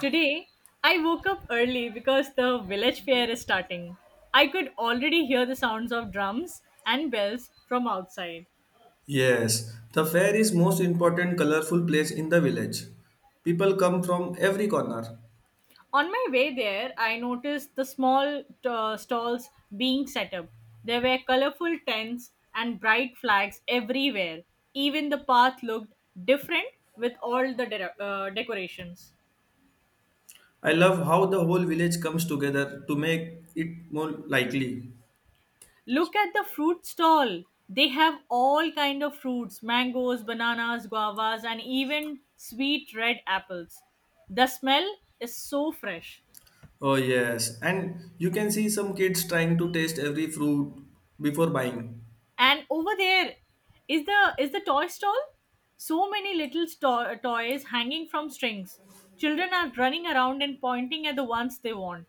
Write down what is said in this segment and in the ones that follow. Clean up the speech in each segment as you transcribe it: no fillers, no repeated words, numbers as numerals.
Today, I woke up early because the village fair is starting. I could already hear the sounds of drums and bells from outside. Yes, the fair is most important colorful place in the village. People come from every corner. On my way there, I noticed the small stalls being set up. There were colorful tents and bright flags everywhere. Even the path looked different with all the decorations. I love how the whole village comes together to make it more likely. Look at the fruit stall. They have all kind of fruits, mangoes, bananas, guavas and even sweet red apples. The smell is so fresh. Oh yes, and you can see some kids trying to taste every fruit before buying. And over there is the toy stall. So many little toys hanging from strings. Children are running around and pointing at the ones they want.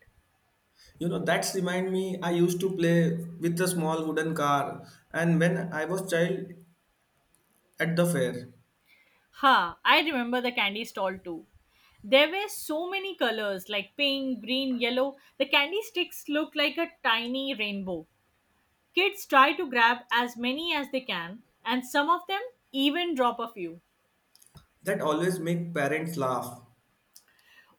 You know that's remind me I used to play with a small wooden car and when I was child at the fair. Ha, I remember the candy stall too. There were so many colors like pink, green, yellow. The candy sticks looked like a tiny rainbow. Kids try to grab as many as they can, and some of them even drop a few. That always make parents laugh.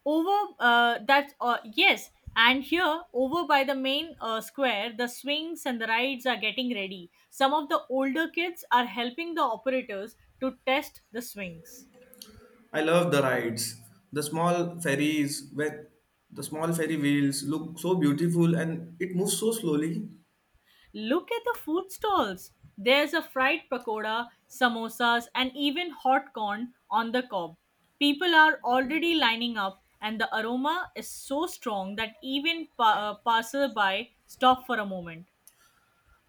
Yes, and here over by the main square, the swings and the rides are getting ready. Some of the older kids are helping the operators to test the swings. I love the rides. The small ferries where the small ferry wheels look so beautiful and it moves so slowly. Look at the food stalls. There's a fried pakoda, samosas, and even hot corn on the cob. People are already lining up, and the aroma is so strong that even passerby stop for a moment.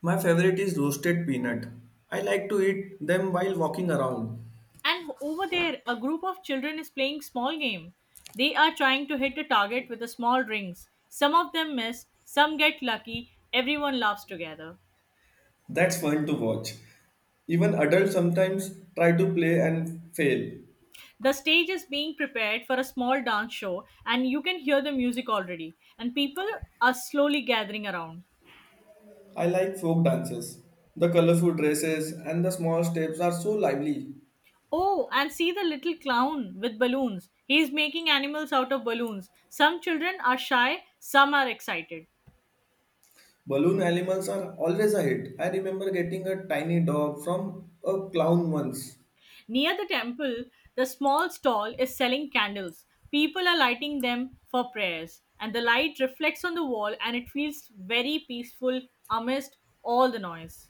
My favorite is roasted peanut. I like to eat them while walking around. And over there, a group of children is playing small game. They are trying to hit a target with the small rings. Some of them miss, some get lucky. Everyone laughs together. That's fun to watch. Even adults sometimes try to play and fail. The stage is being prepared for a small dance show, and you can hear the music already, and people are slowly gathering around. I like folk dances. The colorful dresses and the small steps are so lively. Oh, and see the little clown with balloons. He is making animals out of balloons. Some children are shy, some are excited. Balloon animals are always a hit. I remember getting a tiny dog from a clown once. Near the temple, the small stall is selling candles. People are lighting them for prayers, and the light reflects on the wall and it feels very peaceful amidst all the noise.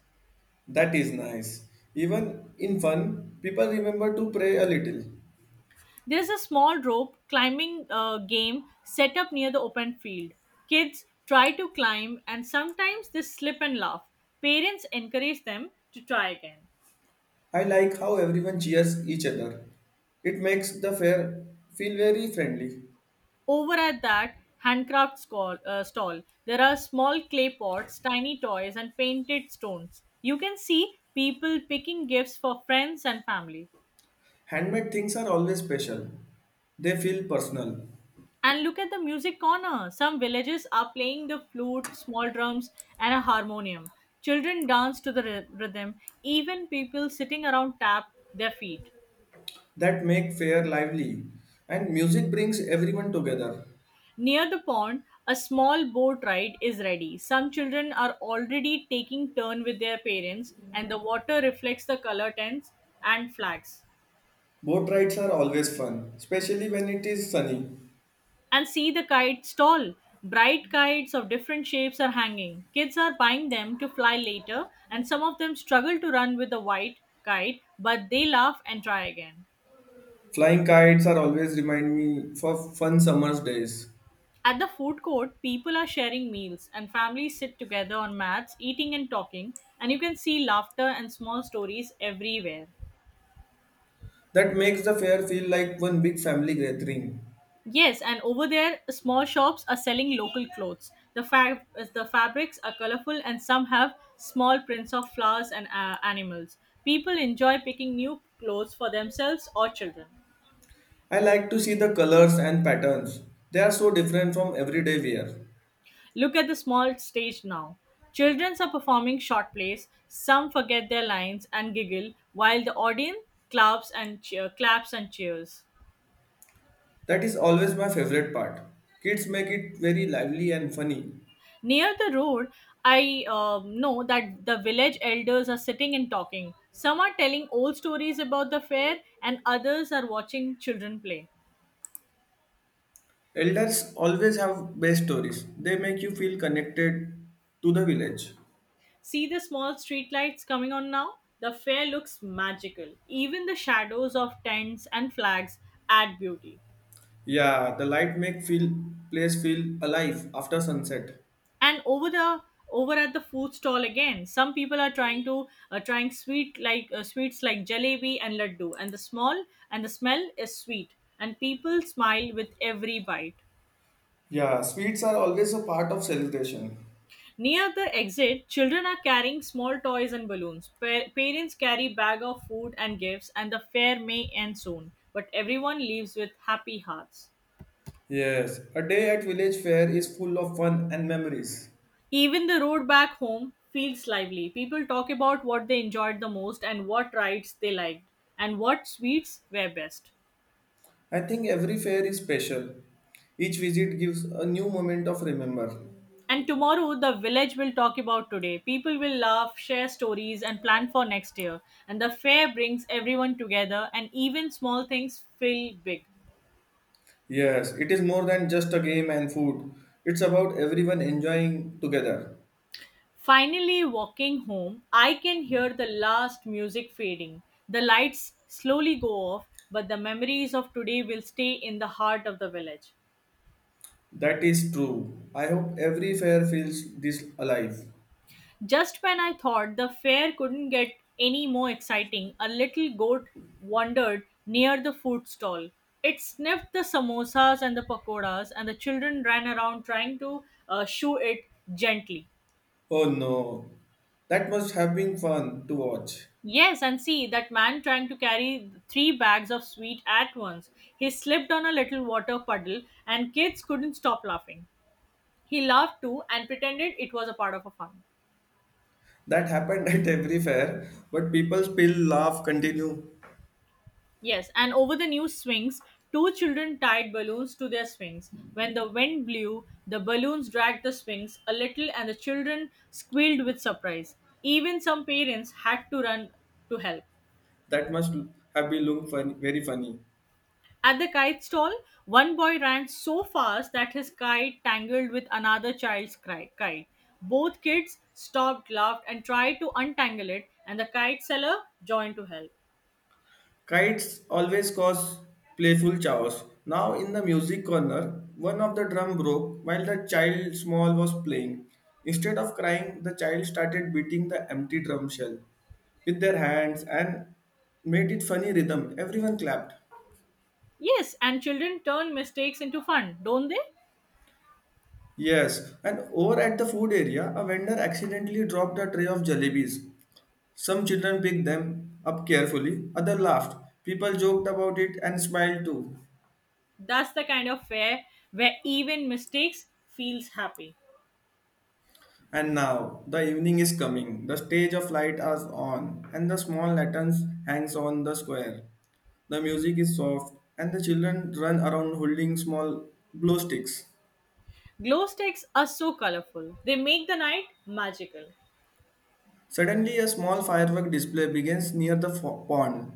That is nice. Even in fun, people remember to pray a little. There is a small rope climbing game set up near the open field. Kids try to climb and sometimes they slip and laugh. Parents encourage them to try again. I like how everyone cheers each other. It makes the fair feel very friendly. Over at that handcraft stall, there are small clay pots, tiny toys, and painted stones. You can see people picking gifts for friends and family. Handmade things are always special. They feel personal. And look at the music corner. Some villages are playing the flute, small drums, and a harmonium. Children dance to the rhythm, even people sitting around tap their feet. That make fair lively. And music brings everyone together. Near the pond, a small boat ride is ready. Some children are already taking turn with their parents, and the water reflects the color tents and flags. Boat rides are always fun, especially when it is sunny. And see the kite stall. Bright kites of different shapes are hanging. Kids are buying them to fly later, and some of them struggle to run with the white kite, but they laugh and try again. Flying kites are always remind me for fun summer's days. At the food court, people are sharing meals, and families sit together on mats, eating and talking, and you can see laughter and small stories everywhere. That makes the fair feel like one big family gathering. Yes, and over there, small shops are selling local clothes. The fabrics are colorful, and some have small prints of flowers and animals. People enjoy picking new clothes for themselves or children. I like to see the colors and patterns. They are so different from everyday wear. Look at the small stage now. Children are performing short plays. Some forget their lines and giggle, while the audience claps and cheers. That is always my favorite part. Kids make it very lively and funny. Near the road, I know that the village elders are sitting and talking. Some are telling old stories about the fair, and others are watching children play. Elders always have best stories. They make you feel connected to the village. See the small streetlights coming on now? The fair looks magical. Even the shadows of tents and flags add beauty. Yeah, the light make feel place feel alive after sunset. And over at the food stall again, some people are trying to trying sweet like sweets like jalebi and laddu, and the small and the smell is sweet, and people smile with every bite. Yeah, sweets are always a part of celebration. Near the exit, children are carrying small toys and balloons. Parents carry bag of food and gifts, and the fair may end soon. But everyone leaves with happy hearts. Yes, a day at village fair is full of fun and memories. Even the road back home feels lively. People talk about what they enjoyed the most and what rides they liked and what sweets were best. I think every fair is special. Each visit gives a new moment of remember. And tomorrow, the village will talk about today. People will laugh, share stories, and plan for next year. And the fair brings everyone together, and even small things feel big. Yes, it is more than just a game and food. It's about everyone enjoying together. Finally, walking home, I can hear the last music fading. The lights slowly go off, but the memories of today will stay in the heart of the village. That is true. I hope every fair feels this alive. Just when I thought the fair couldn't get any more exciting, a little goat wandered near the food stall. It sniffed the samosas and the pakoras, and the children ran around trying to shoo it gently. Oh no. That must have been fun to watch. Yes, and see that man trying to carry three bags of sweet at once. He slipped on a little water puddle, and kids couldn't stop laughing. He laughed too and pretended it was a part of a fun. That happened at every fair, but people still laugh continue. Yes, and over the new swings, two children tied balloons to their swings. When the wind blew, the balloons dragged the swings a little, and the children squealed with surprise. Even some parents had to run to help. That must have been look fun, very funny. At the kite stall, one boy ran so fast that his kite tangled with another child's kite. Both kids stopped, laughed, and tried to untangle it, and the kite seller joined to help. Kites always cause playful chaos. Now, in the music corner, one of the drum broke while the child small was playing. Instead of crying, the child started beating the empty drum shell with their hands and made it funny rhythm. Everyone clapped. Yes, and children turn mistakes into fun, don't they? Yes, and over at the food area, a vendor accidentally dropped a tray of jalebis. Some children picked them up carefully, others laughed. People joked about it and smiled too. That's the kind of fair where even mistakes feels happy. And now the evening is coming. The stage of light is on, and the small lanterns hangs on the square. The music is soft, and the children run around holding small glow sticks. Glow sticks are so colorful. They make the night magical. Suddenly, a small firework display begins near the pond.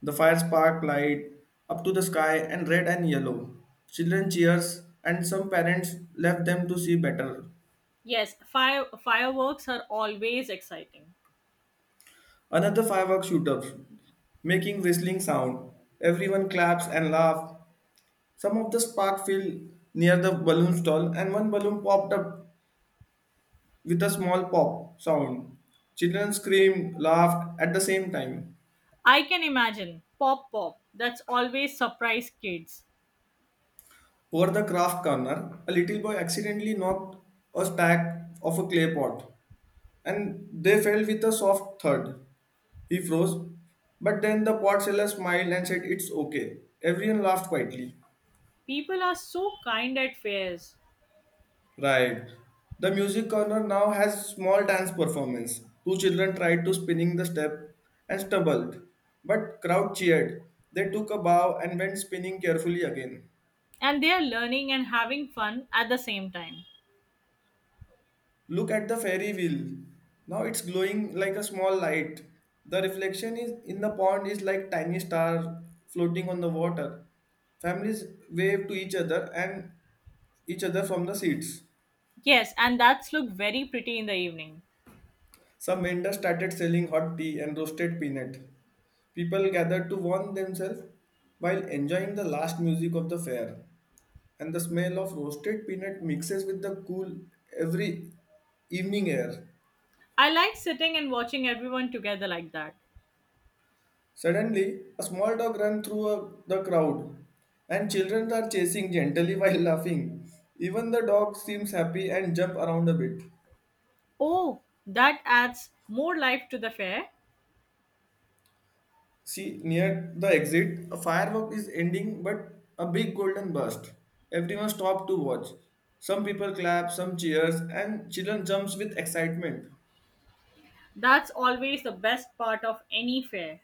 The fire spark light up to the sky and red and yellow. Children cheers, and some parents left them to see better. Yes, fireworks are always exciting. Another firework shoot up, making whistling sound. Everyone claps and laughs. Some of the spark fell near the balloon stall, and one balloon popped up with a small pop sound. Children screamed, laughed at the same time. I can imagine. Pop pop. That's always surprise kids. Over the craft corner, a little boy accidentally knocked a stack of a clay pot, and they fell with a soft thud. He froze, but then the pot seller smiled and said, It's okay. Everyone laughed quietly. People are so kind at fairs Right. The music corner now has small dance performance. Two children tried to spinning the step and stumbled, but crowd cheered. They took a bow and went spinning carefully again. and they are learning and having fun at the same time. Look at the fairy wheel. Now it's glowing like a small light. The reflection is in the pond is like tiny star floating on the water. Families wave to each other and each other from the seats. Yes, and that's look very pretty in the evening. Some vendors started selling hot tea and roasted peanut. People gathered to warm themselves while enjoying the last music of the fair. And the smell of roasted peanut mixes with the cool every evening air. I like sitting and watching everyone together like that. Suddenly, a small dog ran through the crowd, and children are chasing gently while laughing. Even the dog seems happy and jump around a bit. Oh, that adds more life to the fair. See, near the exit, a firework is ending, but a big golden burst. Everyone stopped to watch. Some people clap, some cheers, and children jumps with excitement. That's always the best part of any fair.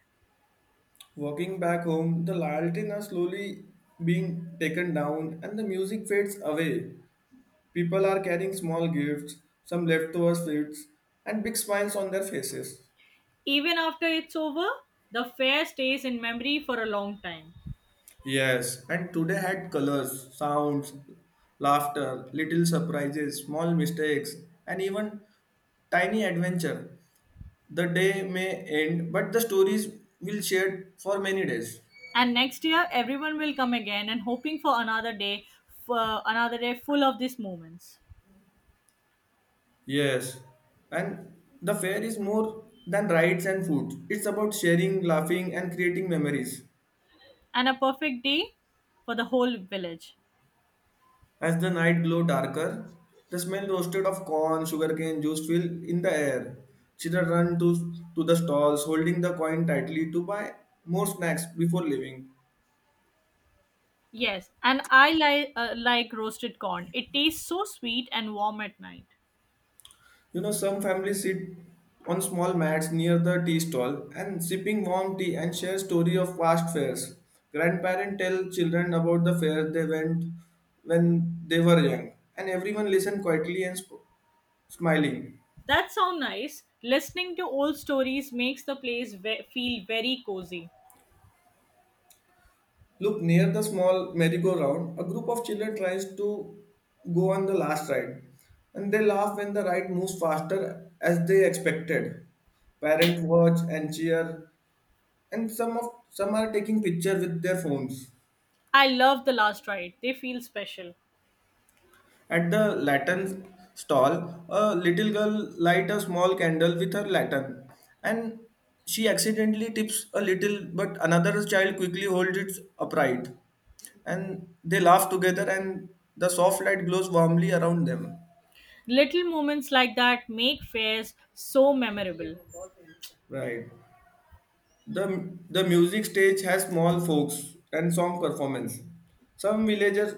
Walking back home, the lantern are slowly being taken down, and the music fades away. People are carrying small gifts, some leftover sweets, and big smiles on their faces. Even after it's over, the fair stays in memory for a long time. Yes, and today had colors, sounds, laughter, little surprises, small mistakes, and even tiny adventure. The day may end, but the stories will share for many days. And next year everyone will come again and hoping for another day full of these moments, Yes, and the fair is more than rides and food. It's about sharing, laughing, and creating memories. and a perfect day for the whole village. As the night grew darker, the smell roasted of corn, sugarcane juice filled in the air. Chitra ran to the stalls, holding the coin tightly to buy more snacks before leaving. Yes, and I like roasted corn. It tastes so sweet and warm at night. You know, some families sit on small mats near the tea stall and sipping warm tea and share story of past fairs. Grandparents tell children about the fair they went when they were young, and everyone listen quietly and smiling. That sounds nice. Listening to old stories makes the place feel very cozy. Look, near the small merry-go-round, a group of children tries to go on the last ride, and they laugh when the ride moves faster as they expected. Parents watch and cheer, and some of some are taking pictures with their phones. I love the last ride, they feel special. At the lantern stall, a little girl light a small candle with her lantern, and she accidentally tips a little, but another child quickly holds it upright, and they laugh together, and the soft light glows warmly around them. Little moments like that make fairs so memorable. Right. The music stage has small folks and song performance. Some villagers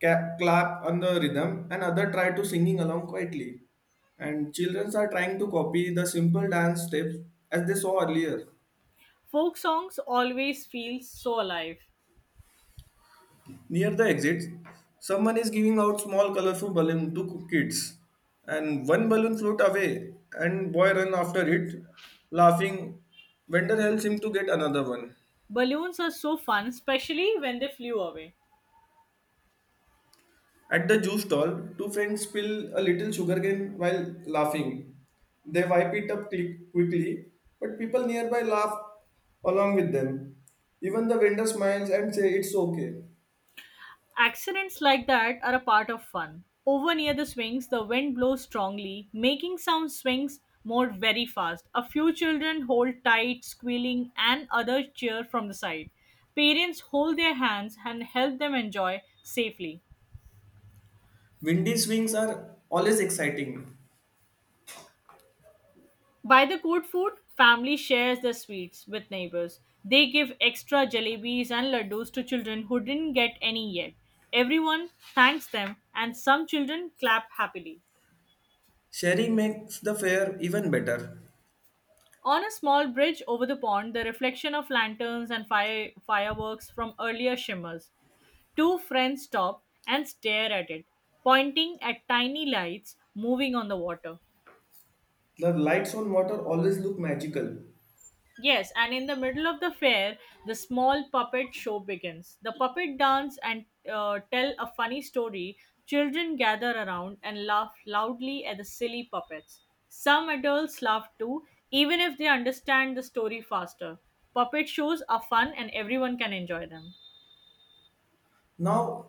clap on the rhythm and other try to singing along quietly. And children are trying to copy the simple dance steps as they saw earlier. Folk songs always feel so alive. Near the exit, someone is giving out small colorful balloon to kids. And one balloon float away and boy run after it, laughing. Vendor helps him to get another one. Balloons are so fun, especially when they flew away. At the juice stall, two friends spill a little sugarcane while laughing. They wipe it up quickly, but people nearby laugh along with them. Even the vendor smiles and says it's okay. Accidents like that are a part of fun. Over near the swings, the wind blows strongly, making some swings more very fast. A few children hold tight, squealing, and others cheer from the side. Parents hold their hands and help them enjoy safely. Windy swings are always exciting. By the good food, family shares the sweets with neighbors. They give extra jalebis and laddus to children who didn't get any yet. Everyone thanks them, and some children clap happily. Sharing makes the fair even better. On a small bridge over the pond, the reflection of lanterns and fireworks from earlier shimmers. Two friends stop and stare at it, pointing at tiny lights moving on the water. The lights on water always look magical. Yes, and in the middle of the fair, the small puppet show begins. The puppet dance and tell a funny story. Children gather around and laugh loudly at the silly puppets. Some adults laugh too, even if they understand the story faster. Puppet shows are fun and everyone can enjoy them. Now,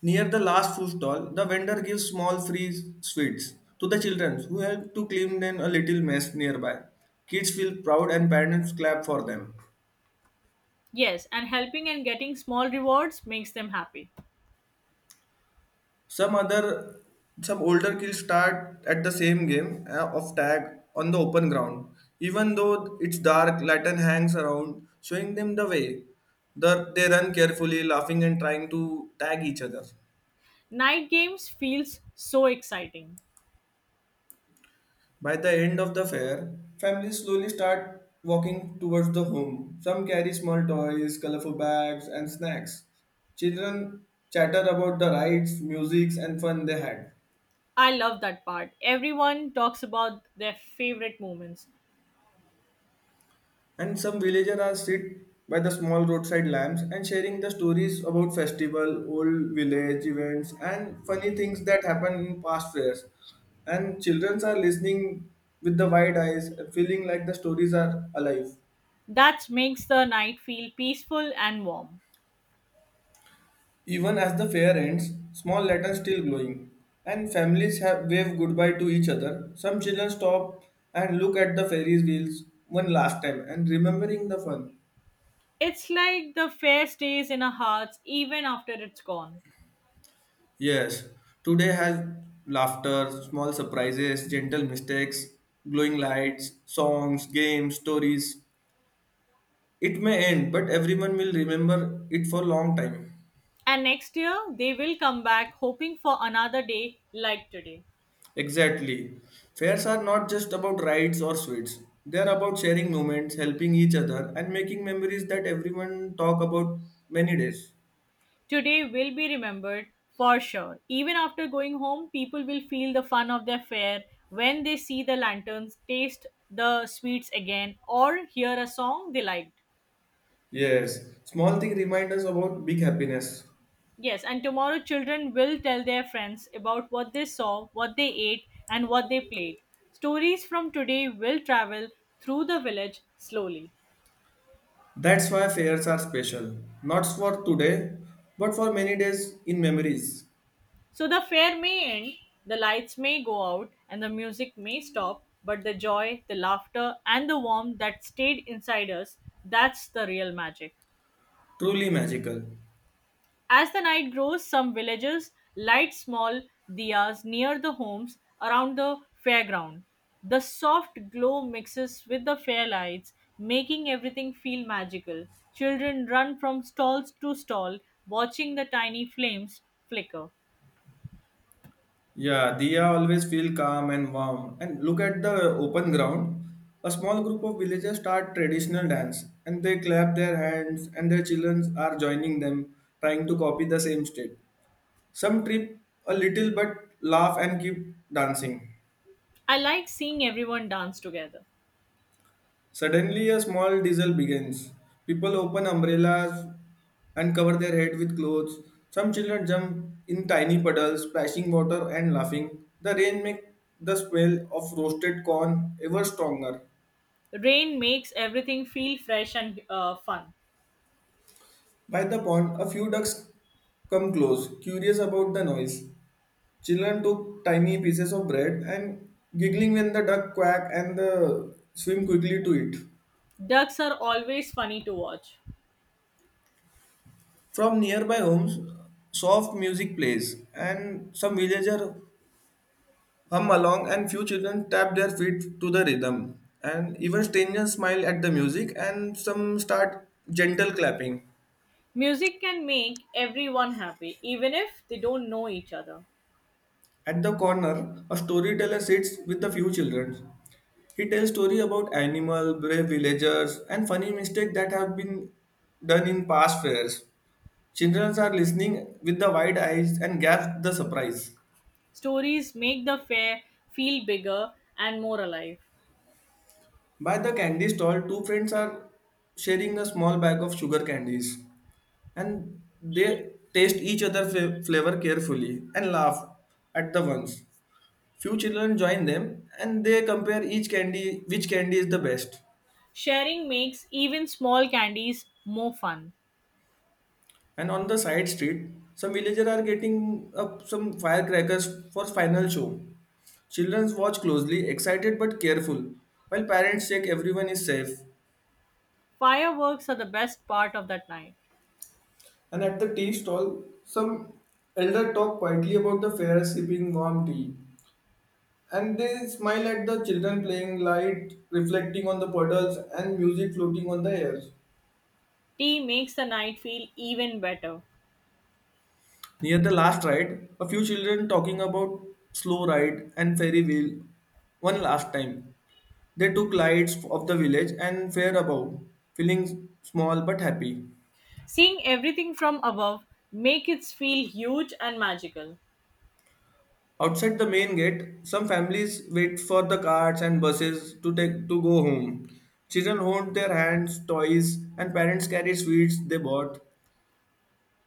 near the last food stall, the vendor gives small free sweets to the children who help to clean then a little mess nearby. Kids feel proud and parents clap for them. Yes, and helping and getting small rewards makes them happy. Some other some older kids start at the same game of tag on the open ground. Even though it's dark, lantern hangs around, showing them the way. They run carefully, laughing and trying to tag each other. Night games feels so exciting. By the end of the fair, families slowly start walking towards the home. Some carry small toys, colorful bags, and snacks. Children chatter about the rides, music, and fun they had. I love that part. Everyone talks about their favorite moments. And some villagers are sit by the small roadside lamps and sharing the stories about festival, old village events, and funny things that happen in past fairs. And children are listening with the wide eyes, feeling like the stories are alive. That makes the night feel peaceful and warm. Even as the fair ends, small lanterns still glowing, and families have wave goodbye to each other. Some children stop and look at the ferry's wheels one last time and remembering the fun. It's like the fair stays in our hearts even after it's gone. Yes, today has laughter, small surprises, gentle mistakes, glowing lights, songs, games, stories. It may end, but everyone will remember it for a long time. And next year, they will come back hoping for another day like today. Exactly. Fairs are not just about rides or sweets. They are about sharing moments, helping each other, and making memories that everyone talk about many days. Today will be remembered for sure. Even after going home, people will feel the fun of their fair when they see the lanterns, taste the sweets again, or hear a song they liked. Yes, small things remind us about big happiness. Yes, and tomorrow children will tell their friends about what they saw, what they ate, and what they played. Stories from today will travel through the village slowly. That's why fairs are special. Not for today, but for many days in memories. So the fair may end, the lights may go out, and the music may stop, but the joy, the laughter, and the warmth that stayed inside us, that's the real magic. Truly magical. As the night grows, some villagers light small diyas near the homes around the fairground. The soft glow mixes with the fair lights, making everything feel magical. Children run from stalls to stall, watching the tiny flames flicker. Yeah, Diya always feel calm and warm. And look at the open ground. A small group of villagers start traditional dance and they clap their hands and their children are joining them, trying to copy the same step. Some trip a little but laugh and keep dancing. I like seeing everyone dance together. Suddenly, a small drizzle begins. People open umbrellas and cover their head with clothes. Some children jump in tiny puddles, splashing water and laughing. The rain makes the smell of roasted corn ever stronger. Rain makes everything feel fresh and fun. By the pond, a few ducks come close, curious about the noise. Children took tiny pieces of bread and giggling when the duck quack and the swim quickly to it. Ducks are always funny to watch. From nearby homes, soft music plays and some villager hum along, and few children tap their feet to the rhythm. And even strangers smile at the music, and some start gentle clapping. Music can make everyone happy, even if they don't know each other. At the corner, a storyteller sits with the few children. He tells story about animal, brave villagers, and funny mistakes that have been done in past fairs. Children are listening with the wide eyes and gasp the surprise. Stories make the fair feel bigger and more alive. By the candy stall, two friends are sharing a small bag of sugar candies, and they taste each other flavor carefully and laugh at the ones. Few children join them and they compare each candy, which candy is the best. Sharing makes even small candies more fun. And on the side street, some villagers are getting up some firecrackers for final show. Children watch closely, excited but careful, while parents check everyone is safe. Fireworks are the best part of that night. And at the tea stall, some elder talk quietly about the fair, sipping warm tea. And they smile at the children playing light, reflecting on the puddles, and music floating on the air. Tea makes the night feel even better. Near the last ride, a few children talking about slow ride and ferry wheel one last time. They took lights of the village and fared about, feeling small but happy. Seeing everything from above makes it feel huge and magical. Outside the main gate, some families wait for the carts and buses to take to go home. Children hold their hands, toys, and parents carry sweets they bought.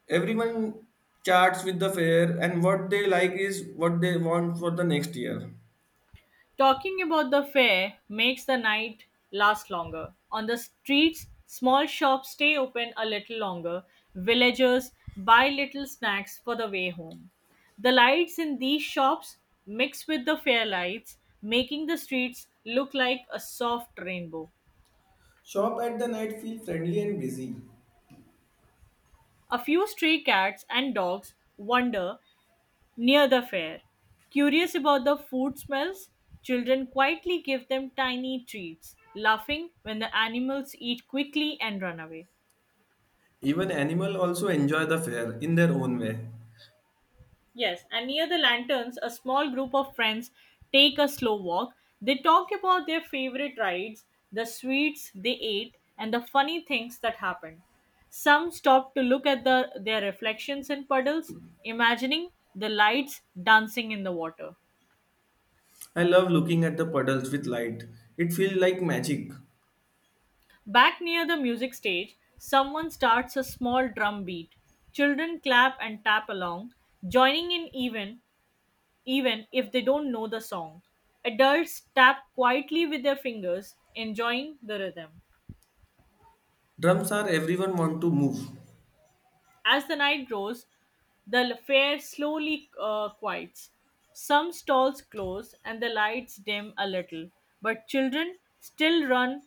Everyone charts with the fair, and what they like is what they want for the next year. Talking about the fair makes the night last longer. On the streets, small shops stay open a little longer. Villagers buy little snacks for the way home. The lights in these shops mix with the fair lights, making the streets look like a soft rainbow. Shop at the night feel friendly and busy. A few stray cats and dogs wander near the fair. Curious about the food smells, children quietly give them tiny treats, laughing when the animals eat quickly and run away. Even animal also enjoy the fair in their own way. Yes, and near the lanterns, a small group of friends take a slow walk. They talk about their favorite rides, the sweets they ate, and the funny things that happened. Some stop to look at the, their reflections in puddles, imagining the lights dancing in the water. I love looking at the puddles with light. It feels like magic. Back near the music stage, someone starts a small drum beat. Children clap and tap along, joining in even if they don't know the song. Adults tap quietly with their fingers, enjoying the rhythm. Drums are everyone want to move. As the night grows, the fair slowly quiets. Some stalls close and the lights dim a little, but children still run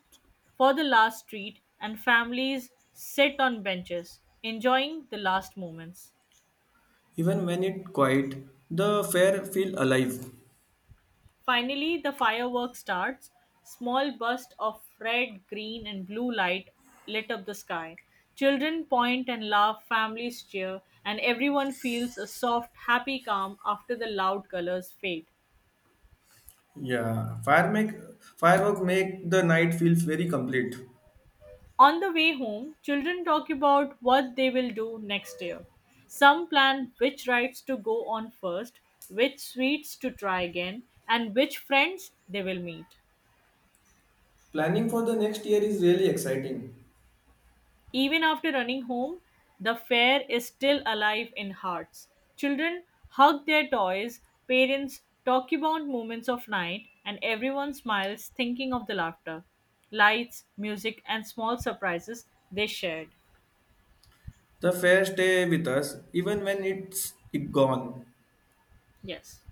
for the last treat and families sit on benches, enjoying the last moments. Even when it quiet, the fair feel alive. Finally, the firework starts. Small bursts of red, green, and blue light lit up the sky. Children point and laugh, families cheer, and everyone feels a soft, happy calm after the loud colors fade. Yeah, firework make the night feels very complete. On the way home, children talk about what they will do next year. Some plan which rides to go on first, which sweets to try again, and which friends they will meet. Planning for the next year is really exciting. Even after running home, the fair is still alive in hearts. Children hug their toys, parents talk about moments of night, and everyone smiles thinking of the laughter, lights, music, and small surprises they shared. The fair stay with us even when it's gone. Yes.